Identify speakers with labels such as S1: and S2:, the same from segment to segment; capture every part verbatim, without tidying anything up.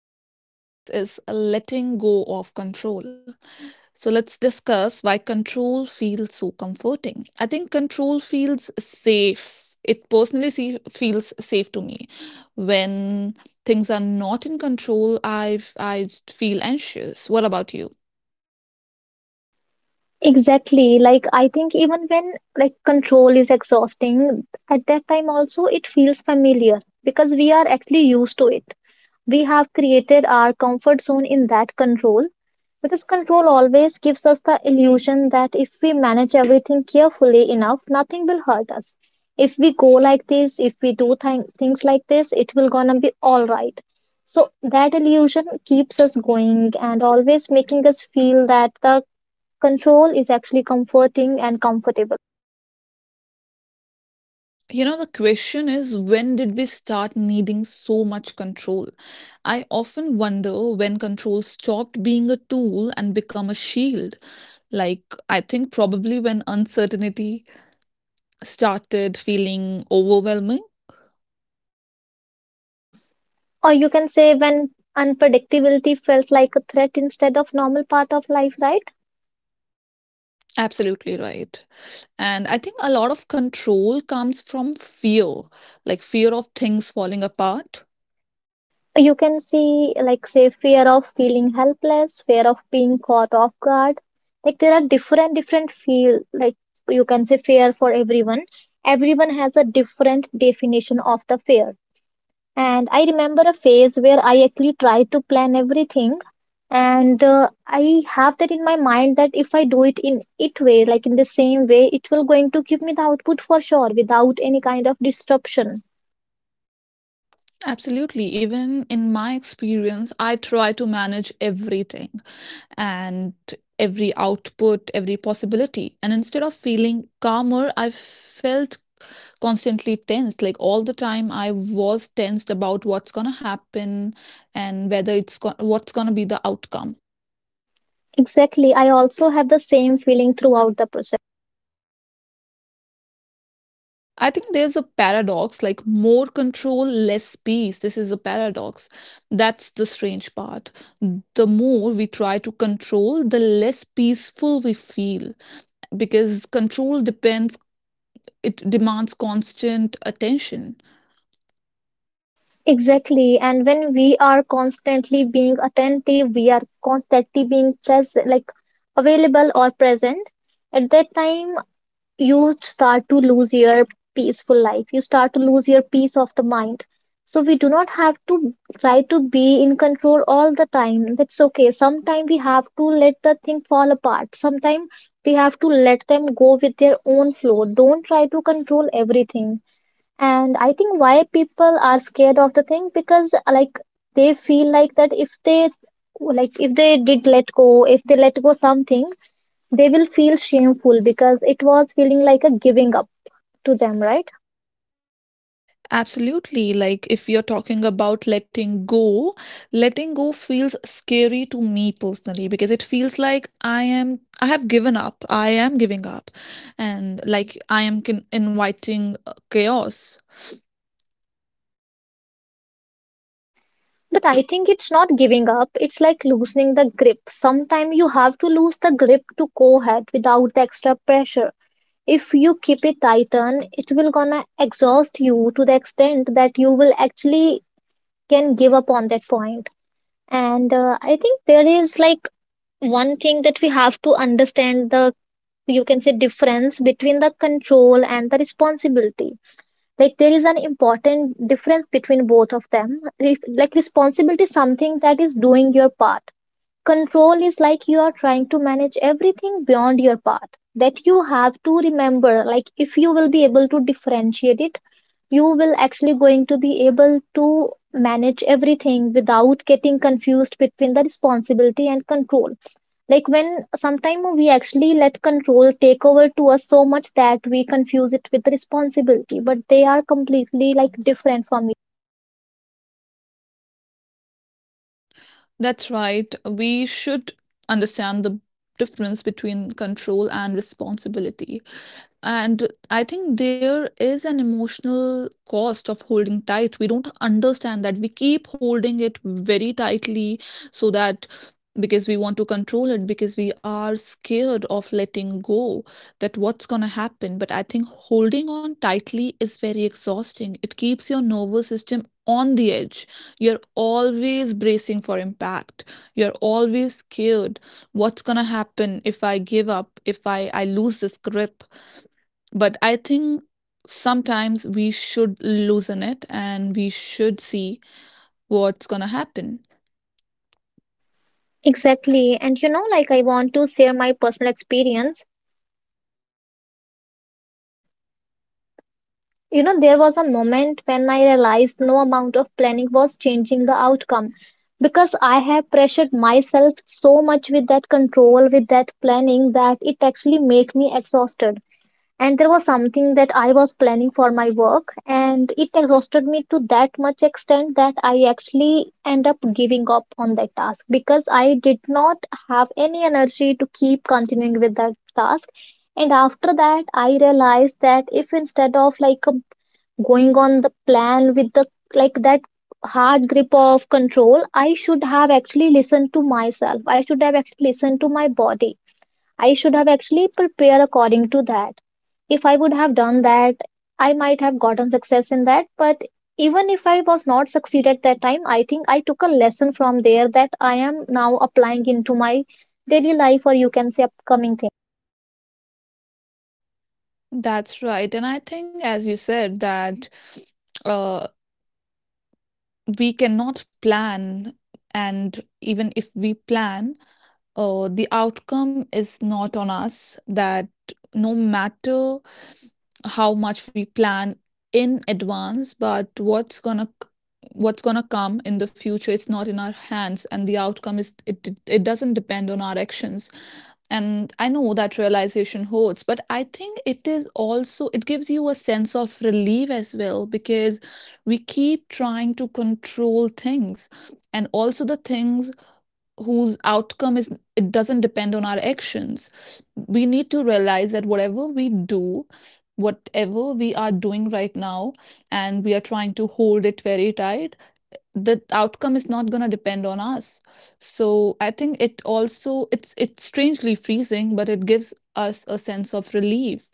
S1: topic we're going to discuss is letting go of control. So, let's discuss why control feels so comforting. I think control feels safe. It personally see, feels safe to me. When things are not in control, I I feel anxious. What about you?
S2: Exactly. Like, I think even when like control is exhausting, at that time also it feels familiar because we are actually used to it. We have created our comfort zone in that control because control always gives us the illusion that if we manage everything carefully enough, nothing will hurt us. If we go like this, if we do th- things like this, it will gonna be all right. So that illusion keeps us going and always making us feel that the control is actually comforting and comfortable.
S1: You know, the question is when did we start needing so much control? I often wonder when control stopped being a tool and become a shield. Like, I think probably when uncertainty started feeling overwhelming.
S2: Or you can say when unpredictability felt like a threat instead of normal part of life, right?
S1: Absolutely right. And I think a lot of control comes from fear, like fear of things falling apart.
S2: You can see like say fear of feeling helpless, fear of being caught off guard. Like there are different different feel like you can say fear for everyone. Everyone has a different definition of the fear. And I remember a phase where I actually tried to plan everything. And uh, I have that in my mind that if I do it in it way, like in the same way, it will going to give me the output for sure without any kind of disruption.
S1: Absolutely. Even in my experience, I try to manage everything and every output, every possibility. And instead of feeling calmer, I felt constantly tensed. Like all the time, I was tensed about what's going to happen and whether it's go- what's going to be the outcome.
S2: Exactly. I also have the same feeling throughout the process.
S1: I think there's a paradox like more control, less peace. This is a paradox. That's the strange part. The more we try to control, the less peaceful we feel because control depends it demands constant attention.
S2: Exactly. And when we are constantly being attentive, we are constantly being present, like available or present. At that time, you start to lose your peaceful life, you start to lose your peace of the mind. So we do not have to try to be in control all the time. That's okay, sometimes we have to let the thing fall apart. Sometimes we have to let them go with their own flow. Don't try to control everything. And I think why people are scared of the thing because like they feel like that if they, like if they did let go, if they let go something, they will feel shameful because it was feeling like a giving up to them, right?
S1: Absolutely. Like, if you're talking about letting go, letting go feels scary to me personally because it feels like I am, I have given up. I am giving up. And like, I am con- inviting uh, chaos.
S2: But I think it's not giving up, it's like loosening the grip. Sometimes you have to lose the grip to go ahead without the extra pressure. If you keep it tighten, it will gonna exhaust you to the extent that you will actually can give up on that point point. And uh, I think there is like one thing that we have to understand, the you can say difference between the control and the responsibility. Like there is an important difference between both of them. Re- like, responsibility is something that is doing your part. Control is like you are trying to manage everything beyond your path, that you have to remember. Like, if you will be able to differentiate it, you will actually going to be able to manage everything without getting confused between the responsibility and control. Like when sometime we actually let control take over to us so much that we confuse it with responsibility, but they are completely like different from.
S1: That's right. We should understand the difference between control and responsibility. And I think there is an emotional cost of holding tight. We don't understand that. We keep holding it very tightly so that because we want to control it, because we are scared of letting go, that what's going to happen. But I think holding on tightly is very exhausting. It keeps your nervous system on the edge. You're always bracing for impact, you're always scared. What's going to happen if I give up, if I, I lose this grip? But I think sometimes we should loosen it and we should see what's going to happen.
S2: Exactly, and you know, like I want to share my personal experience. You know, there was a moment when I realized no amount of planning was changing the outcome because I have pressured myself so much with that control, with that planning, that it actually made me exhausted. And there was something that I was planning for my work, and it exhausted me to that much extent that I actually end up giving up on that task because I did not have any energy to keep continuing with that task. And after that I realized that if instead of like going on the plan with the, like that hard grip of control, I should have actually listened to myself, I should have actually listened to my body, I should have actually prepared according to that. If I would have done that, I might have gotten success in that. But even if I was not succeed at that time, I think I took a lesson from there that I am now applying into my daily life, or you can say upcoming thing.
S1: That's right. And I think, as you said, that uh, we cannot plan. And even if we plan, uh, the outcome is not on us that no matter how much we plan in advance but what's gonna what's gonna come in the future, it's not in our hands, and the outcome is it it it doesn't depend on our actions. And I know that realization hurts, but I think it is also it gives you a sense of relief as well, because we keep trying to control things and also the things whose outcome is it doesn't depend on our actions. We need to realize that whatever we do, whatever we are doing right now, and we are trying to hold it very tight, the outcome is not going to depend on us. So I think it also it's it's strangely freezing, but it gives us a sense of relief.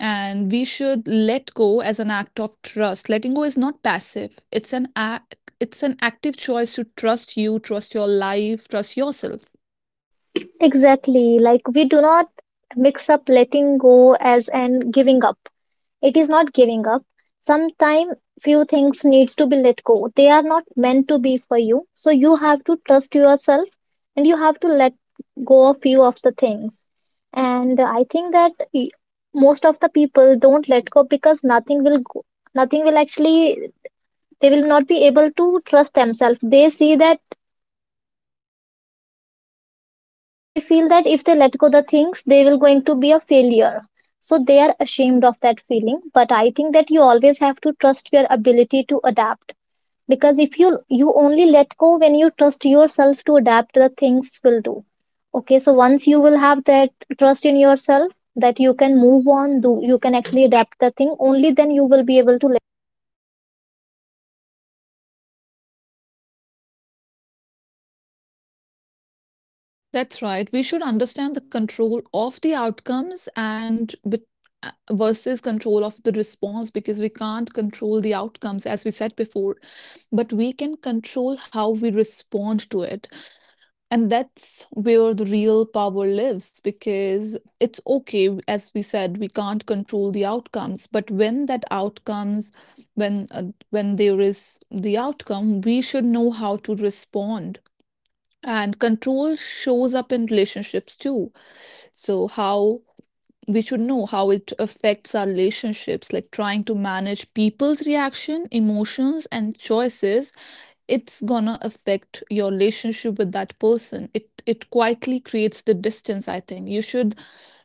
S1: And we should let go as an act of trust. Letting go is not passive, it's an act, it's an active choice to trust you, trust your life, trust yourself.
S2: Exactly, like we do not mix up letting go as and giving up. It is not giving up. Sometimes few things needs to be let go. They are not meant to be for you. So you have to trust yourself and you have to let go of few of the things. And I think that e- most of the people don't let go because nothing will go, nothing will actually, they will not be able to trust themselves. They see that, they feel that if they let go the things, they will going to be a failure. So they are ashamed of that feeling. But I think that you always have to trust your ability to adapt. Because if you you only let go when you trust yourself to adapt the things will do. Okay, so once you will have that trust in yourself that you can move on, do you can actually adapt the thing, only then you will be able to.
S1: That's right. We should understand the control of the outcomes and bet- uh, versus control of the response, because we can't control the outcomes, as we said before, but we can control how we respond to it. And that's where the real power lives, because it's okay, as we said, we can't control the outcomes. But when that outcomes, when uh, when there is the outcome, we should know how to respond. And control shows up in relationships too. So how we should know how it affects our relationships, like trying to manage people's reaction emotions and choices. It's gonna affect your relationship with that person. It it quietly creates the distance. I think you should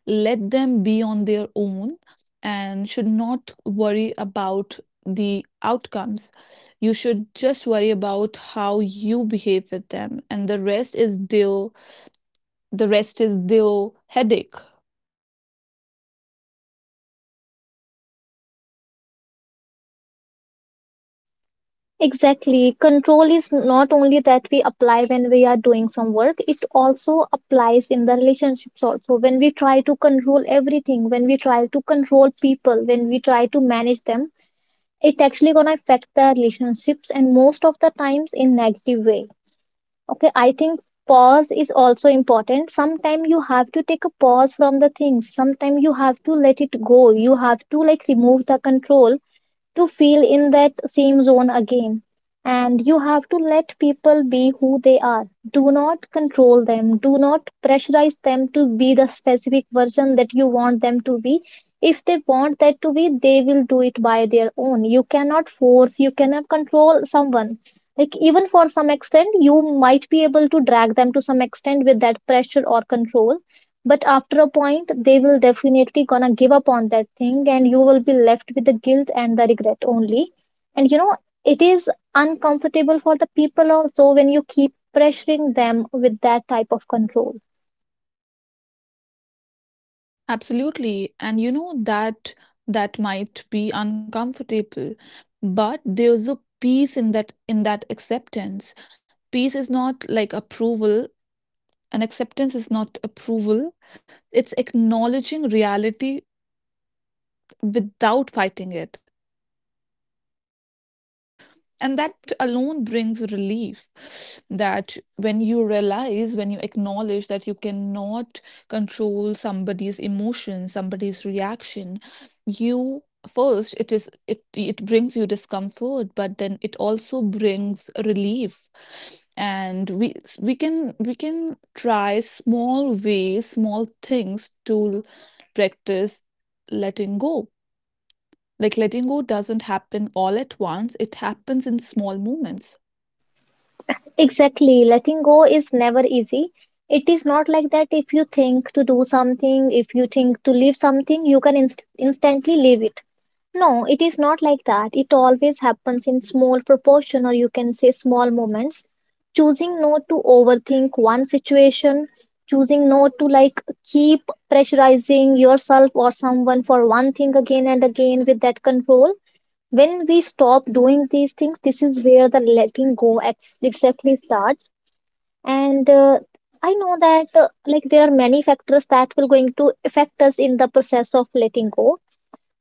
S1: let them be on their own and should not worry about the outcomes. You should just worry about how you behave with them, and the rest is their the rest is their headache.
S2: Exactly. Control is not only that we apply when we are doing some work, it also applies in the relationships also. When we try to control everything, when we try to control people, when we try to manage them, it actually gonna affect the relationships and most of the times in negative way. Okay, I think pause is also important. Sometimes you have to take a pause from the things. Sometimes you have to let it go. You have to like remove the control to feel in that same zone again. And you have to let people be who they are. Do not control them. Do not pressurize them to be the specific version that you want them to be. If they want that to be, they will do it by their own. You cannot force, you cannot control someone. Like, even for some extent, you might be able to drag them to some extent with that pressure or control, but after a point, they will definitely gonna give up on that thing, and you will be left with the guilt and the regret only. And you know, it is uncomfortable for the people also when you keep pressuring them with that type of control.
S1: Absolutely. And you know that that might be uncomfortable, but there's a peace in that in that acceptance. Peace is not like approval, and acceptance is not approval. It's acknowledging reality without fighting it. And that alone brings relief, that when you realize when you acknowledge that you cannot control somebody's emotion, somebody's reaction, you first it is it it brings you discomfort, but then it also brings relief. And we we can we can try small ways, small things to practice letting go. Like letting go doesn't happen all at once, it happens in small moments.
S2: Exactly. Letting go is never easy. It is not like that if you think to do something, if you think to leave something, you can inst- instantly leave it. No, it is not like that. It always happens in small proportion, or you can say small moments. Choosing not to overthink one situation, choosing not to like keep pressurizing yourself or someone for one thing again and again with that control, when we stop doing these things, this is where the letting go ex- exactly starts. And uh, I know that uh, like there are many factors that will going to affect us in the process of letting go,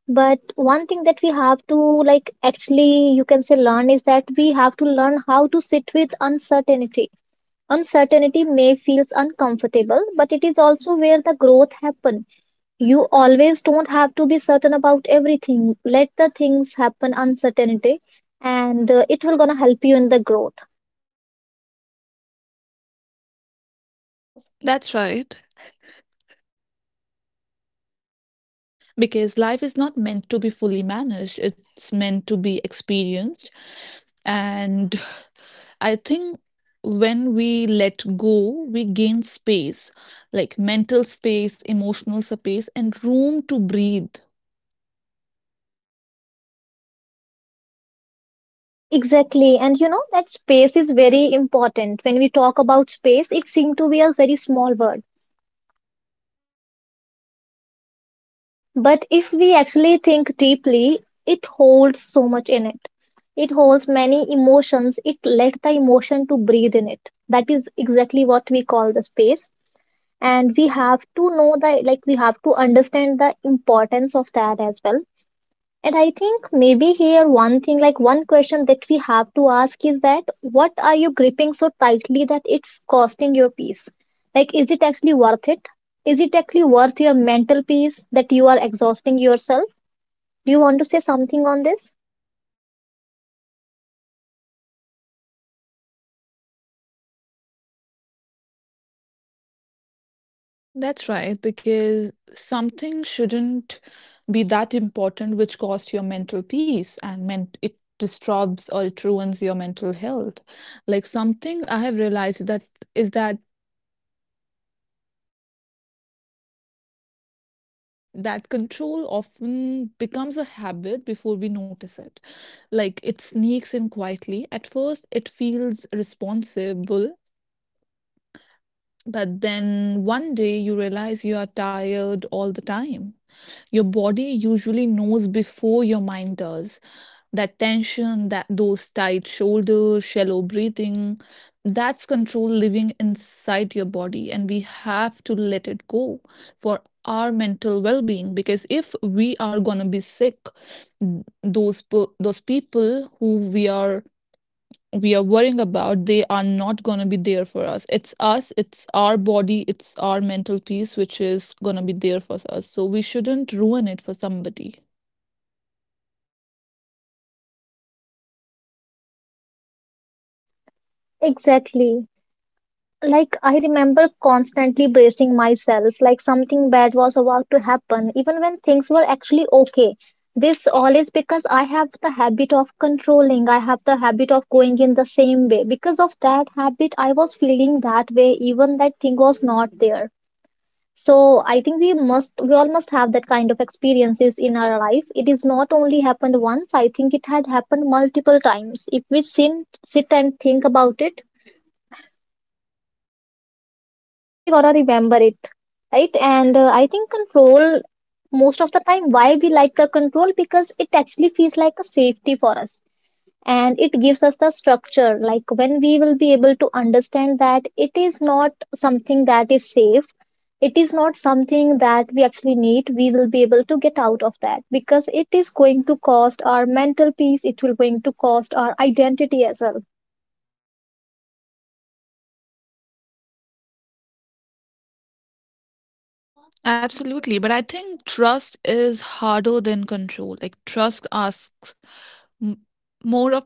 S2: but one thing that we have to like actually you can say learn is that we have to learn how to sit with uncertainty. Uncertainty may feels uncomfortable, but it is also where the growth happens. You always don't have to be certain about everything. Let the things happen uncertainty, and uh, it will gonna help you in the growth.
S1: Pause. That's right. Because life is not meant to be fully managed, it's meant to be experienced. And I think when we let go, we gain space, like mental space, emotional space, and room to breathe.
S2: Exactly. And you know that space is very important. When we talk about space, it seems to be a very small word. But if we actually think deeply, it holds so much in it. It holds many emotions. It let the emotion to breathe in it. That is exactly what we call the space. And we have to know the, like we have to understand the importance of that as well. And I think maybe here one thing, like one question that we have to ask is that what are you gripping so tightly that it's costing your peace? Like, is it actually worth it? Is it actually worth your mental peace that you are exhausting yourself? Do you want to say something on this?
S1: That's right, because something shouldn't be that important which costs your mental peace and meant it disturbs or it ruins your mental health. Like something I have realized that is that that control often becomes a habit before we notice it. Like it sneaks in quietly. At first, it feels responsible, but then one day you realize you are tired all the time. Your body usually knows before your mind does that tension, that those tight shoulders, shallow breathing, that's control living inside your body, and we have to let it go for our mental well-being. Because if we are gonna be sick, n- those po- those people who we are we are worrying about, they are not gonna be there for us. It's us, it's our body, it's our mental peace which is gonna be there for us. So we shouldn't ruin it for somebody.
S2: Exactly. Like, I remember constantly bracing myself like something bad was about to happen even when things were actually okay. This all is because I have the habit of controlling. I have the habit of going in the same way. Because of that habit, I was feeling that way even that thing was not there. So I think we must we all must have that kind of experiences in our life. It is not only happened once. I think it had happened multiple times if we sin, sit and think about it. We actually gotta remember it, right? And uh, I think control, most of the time why we like the control, because it actually feels like a safety for us and it gives us the structure. Like, when we will be able to understand that it is not something that is safe, it is not something that we actually need, we will be able to get out of that, because it is going to cost our mental peace, it will going to cost our identity as well.
S1: Absolutely. But I think trust is harder than control. Like, trust asks m- more of,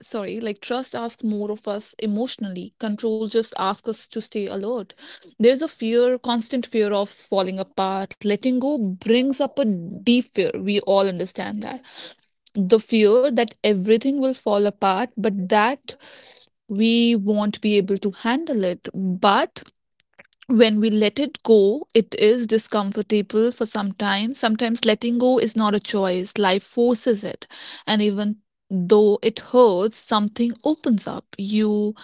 S1: sorry, like, trust asks more of us emotionally. Control just asks us to stay alert. There's a fear, constant fear of falling apart. Letting go brings up a deep fear. We all understand that. The fear that everything will fall apart, but that we won't be able to handle it. But when we let it go, it is discomfortable for some time. Sometimes letting go is not a choice, life forces it. And even though it hurts, something opens up. You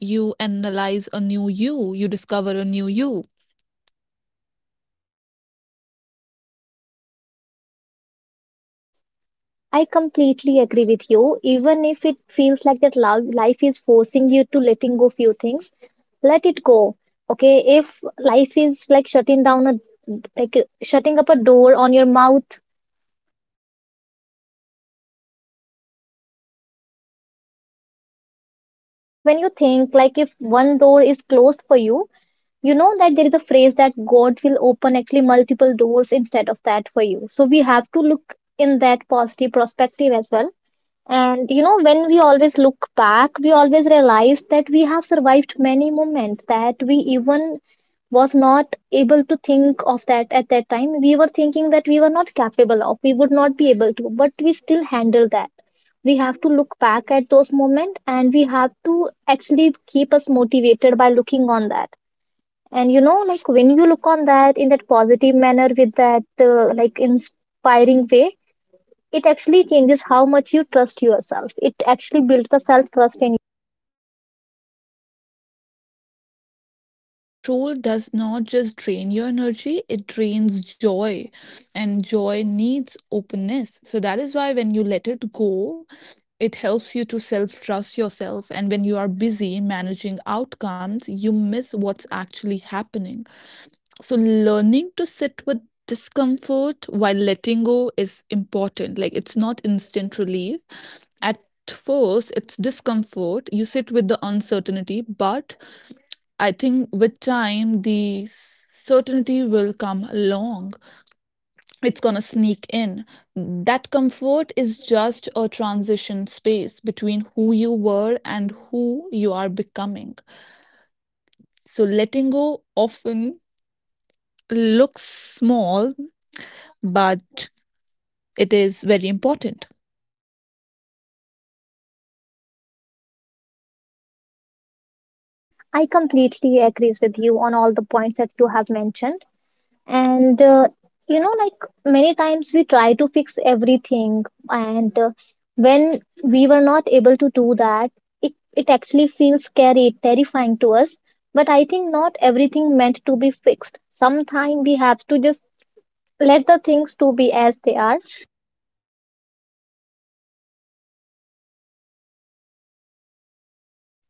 S1: You analyze a new you, you discover a new you.
S2: I completely agree with you. Even if it feels like that lo- life is forcing you to letting go few things, let it go. Okay, if life is like shutting down a, like uh, shutting up a door on your mouth, like when you think like if one door is closed for you, you know that there is a phrase that God will open actually multiple doors instead of that for you. So we have to look in that positive perspective as well. And you know, when we always look back, we always realize that we have survived many moments that we even was not able to think of that at that time. We were thinking that we were not capable of, we would not be able to, but we still handle that. We have to look back at those moments and we have to actually keep us motivated by looking on that. And you know, like when you look on that in that positive manner with that uh, like inspiring way, it actually changes how much you trust yourself. It actually builds the self trust in you.
S1: Yes, because control does not just drain your energy, it drains joy. And joy needs openness. So that is why when you let it go, it helps you to self trust yourself, and when you are busy managing outcomes, you miss what's actually happening. So, learning to sit with discomfort while letting go is important. Like, it's not instant relief. At first, it's discomfort. You sit with the uncertainty, but I think with time, the certainty will come along, it's going to sneak in. That comfort is just a transition space between who you were and who you are becoming. So letting go often looks small, but it is very important.
S2: I completely agrees with you on all the points that you have mentioned. And uh, you know, like many times we try to fix everything, and uh, when we were not able to do that, it it actually feels scary, terrifying to us. But I think not everything meant to be fixed. Sometimes we have to just let the things to be as they are.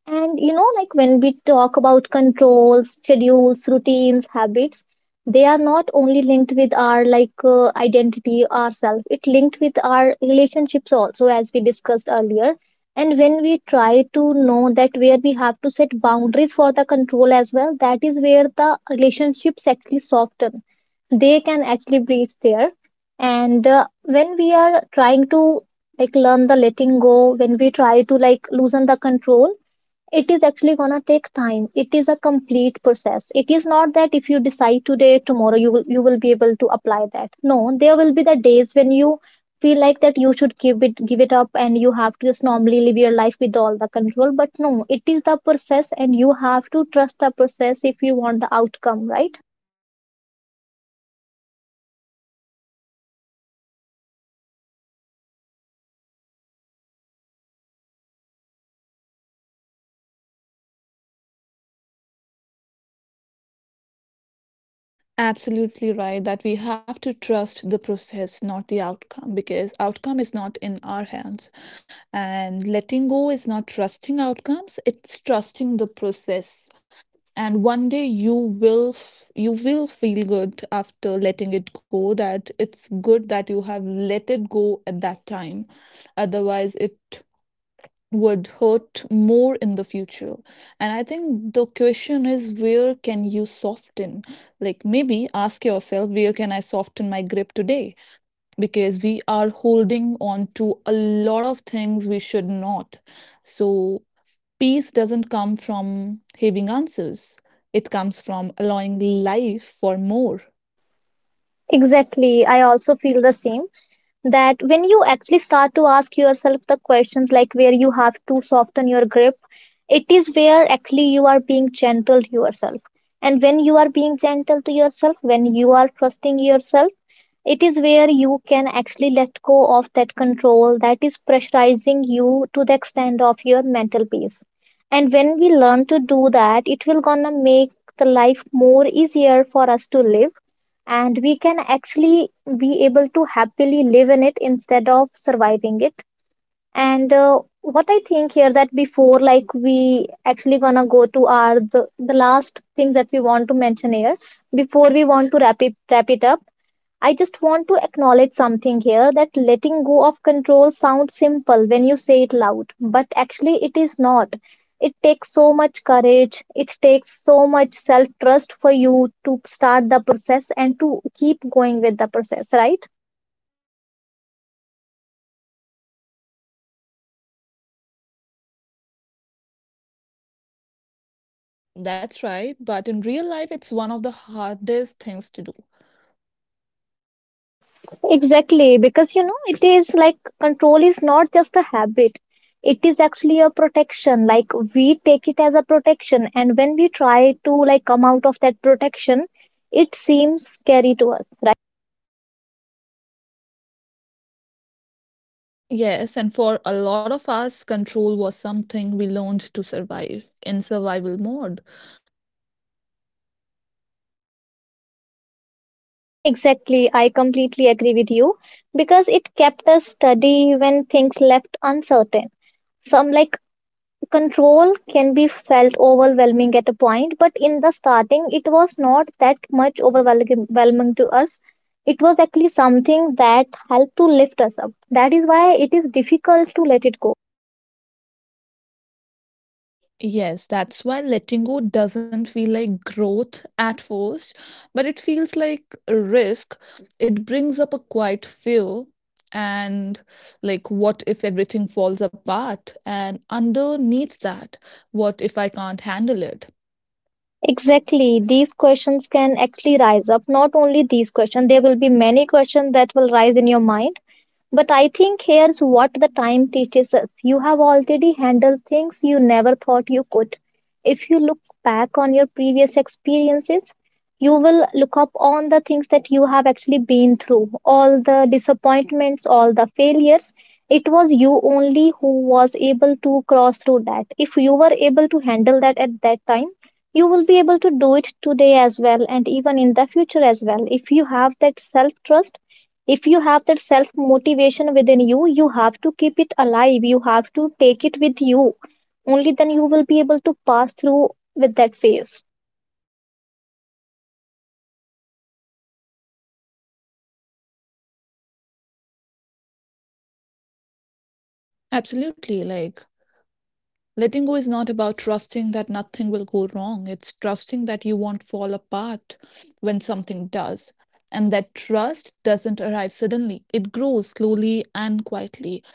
S2: And you know, like when we talk about controls, schedules, routines, habits, they are not only linked with our like uh, identity, ourself. It linked with our relationships also, as we discussed earlier. And when we try to know that where we have to set boundaries for the control as well, that is where the relationships actually soften. They can actually breathe there. And uh, when we are trying to like learn the letting go, when we try to like loosen the control, it is actually going to take time. It is a complete process. It is not that if you decide today tomorrow you will you will be able to apply that. No, there will be the days when you feel like that you should give it give it up and you have to just normally live your life with all the control. But no, it is the process and you have to trust the process if you want the outcome, right?
S1: Absolutely right that we have to trust the process, not the outcome, because outcome is not in our hands. And letting go is not trusting outcomes, it's trusting the process. And one day you will f- you will feel good after letting it go, that it's good that you have let it go at that time, otherwise it would hurt more in the future. And I think the question is where can you soften. Like maybe ask yourself, where can I soften my grip today, because we are holding on to a lot of things we should not. So, peace doesn't come from having answers, it comes from allowing life for more.
S2: Exactly, I also feel the same. That when you actually start to ask yourself the questions like where you have to soften your grip, it is where actually you are being gentle to yourself. And when you are being gentle to yourself, when you are trusting yourself, it is where you can actually let go of that control that is pressurizing you to the extent of your mental peace. And when we learn to do that, it will gonna make the life more easier for us to live, and we can actually be able to happily live in it instead of surviving it. And uh, what I think here that before like we actually gonna go to our the, the last things that we want to mention here, before we want to wrap it wrap it up, I just want to acknowledge something here that letting go of control sounds simple when you say it loud, but actually it is not. It takes so much courage, it takes so much self trust for you to start the process and to keep going with the process, right?
S1: That's right, but in real life, it's one of the hardest things to do.
S2: Exactly, because you know, it is like control is not just a habit. It is actually a protection. Like, we take it as a protection, and when we try to like come out of that protection, it seems scary to us.
S1: Yes, and for a lot of us, control was something we learned to survive in survival mode.
S2: Exactly, I completely agree with you, because it kept us steady when things left uncertain. Some like control can be felt overwhelming at a point, but in the starting, it was not that much overwhelming to us. It was actually something that helped to lift us up. That is why it is difficult to let it go.
S1: Yes, that's why letting go doesn't feel like growth at first, but it feels like a risk. It brings up a quiet fear, and like what if everything falls apart? And underneath that, what if I can't handle it?
S2: Exactly, these questions can actually rise up. Not only these questions, there will be many questions that will rise in your mind. But I think here's what the time teaches us. You have already handled things you never thought you could. If you look back on your previous experiences, you will look up on the things that you have actually been through, all the disappointments, all the failures. It was you only who was able to cross through that. If you were able to handle that at that time, you will be able to do it today as well and even in the future as well. If you have that self trust, if you have that self motivation within you, you have to keep it alive, you have to take it with you. Only then you will be able to pass through with that phase.
S1: Absolutely. Like letting go is not about trusting that nothing will go wrong. It's trusting that you won't fall apart when something does. And that trust doesn't arrive suddenly, it grows slowly and quietly.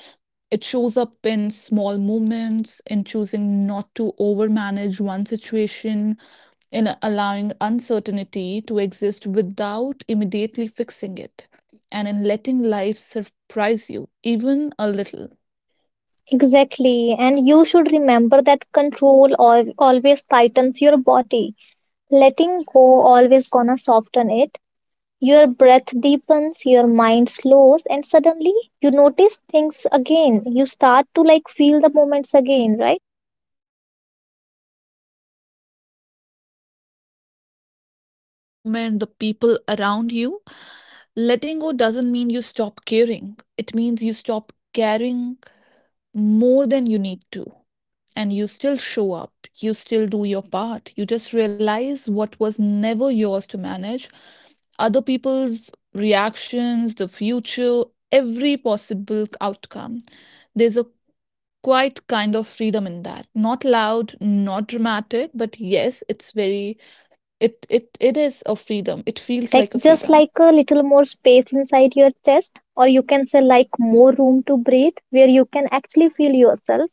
S1: It shows up in small moments, in choosing not to overmanage one situation, in allowing uncertainty to exist without immediately fixing it, and in letting life surprise you, even a little.
S2: Exactly, and you should remember that control al- always tightens your body. Letting go always gonna soften it. Your breath deepens, your mind slows, and suddenly you notice things again, you start to like feel the moments again, right?
S1: Yes, the present moment, the people around you. Letting go doesn't mean you stop caring. It means you stop caring more than you need to. And you still show up. You still do your part. You just realize what was never yours to manage. Other people's reactions, the future, every possible outcome. There's a quite kind of freedom in that. Not loud, not dramatic, but yes, it's very it it it is a freedom. It feels
S2: Like
S1: like a
S2: just
S1: freedom.
S2: like a little more space inside your chest, or you can say like more room to breathe where you can actually feel yourself.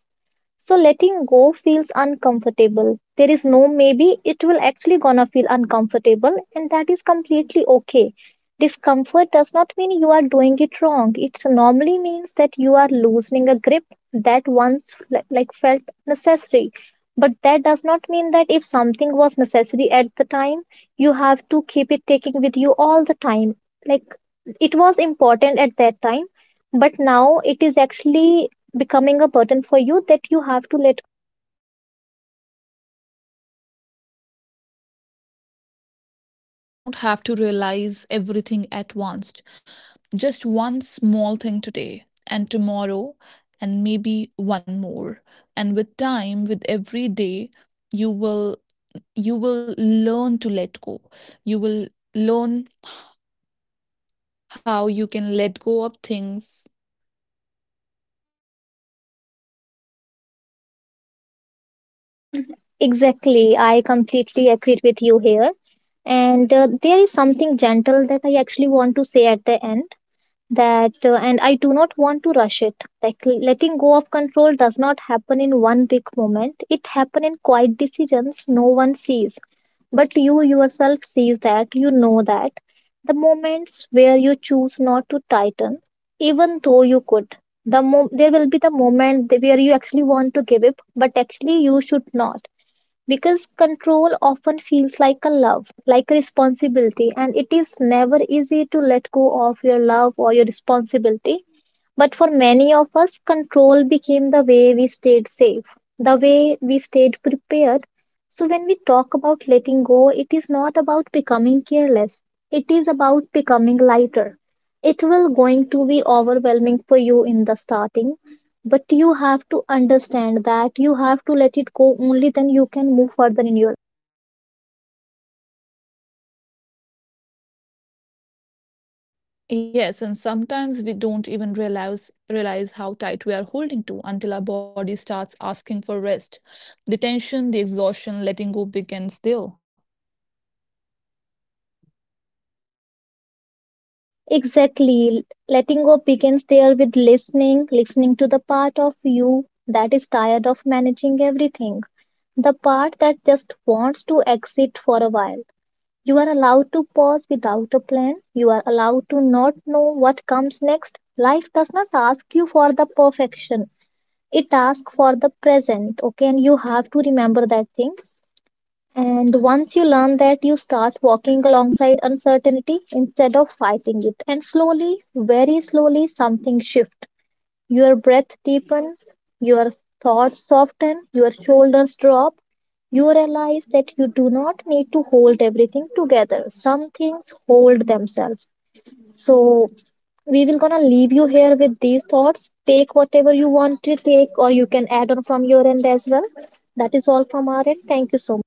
S2: So letting go feels uncomfortable. There is no maybe, it will actually gonna feel uncomfortable, and that is completely okay. Discomfort does not mean you are doing it wrong. It normally means that you are loosening a grip that once fle- like felt necessary. But that does not mean that if something was necessary at the time, you have to keep it taking with you all the time. Like, it was important at that time, but now it is actually becoming a burden for you that you have to let.
S1: And at last, you don't have to realize everything at once. Just one small thing today, and tomorrow, and maybe one more. And with time, with every day, you will you will learn to let go. You will learn how you can let go of things.
S2: Exactly, I completely agree with you here. And uh, there is something gentle that I actually want to say at the end, that uh, and I do not want to rush it. Like, l- letting go of control does not happen in one big moment. It happen in quiet decisions no one sees, but you yourself sees, that you know that the moments where you choose not to tighten, even though you could, the mo- there will be the moment th- where you actually want to give up but actually you should not. Because control often feels like a love, like a responsibility, and it is never easy to let go of your love or your responsibility. But for many of us, control became the way we stayed safe, the way we stayed prepared. So when we talk about letting go, it is not about becoming careless. It is about becoming lighter. It will going to be overwhelming for you in the starting, but you have to understand that you have to let it go, only then you can move further in your.
S1: Yes, and sometimes we don't even realize realize how tight we are holding to until our body starts asking for rest. The tension, the exhaustion, letting go begins there.
S2: Exactly. Letting go begins there with listening, listening to the part of you that is tired of managing everything. The part that just wants to exit for a while. You are allowed to pause without a plan. You are allowed to not know what comes next. Life does not ask you for the perfection. It asks for the present, okay? And you have to remember that thing. And once you learn that, you start walking alongside uncertainty instead of fighting it. And slowly, very slowly, something shifts. Your breath deepens, your thoughts soften, your shoulders drop. You realize that you do not need to hold everything together. Some things hold themselves. So we will gonna leave you here with these thoughts. Take whatever you want to take, or you can add on from your end as well. That is all from our end. Thank you so much.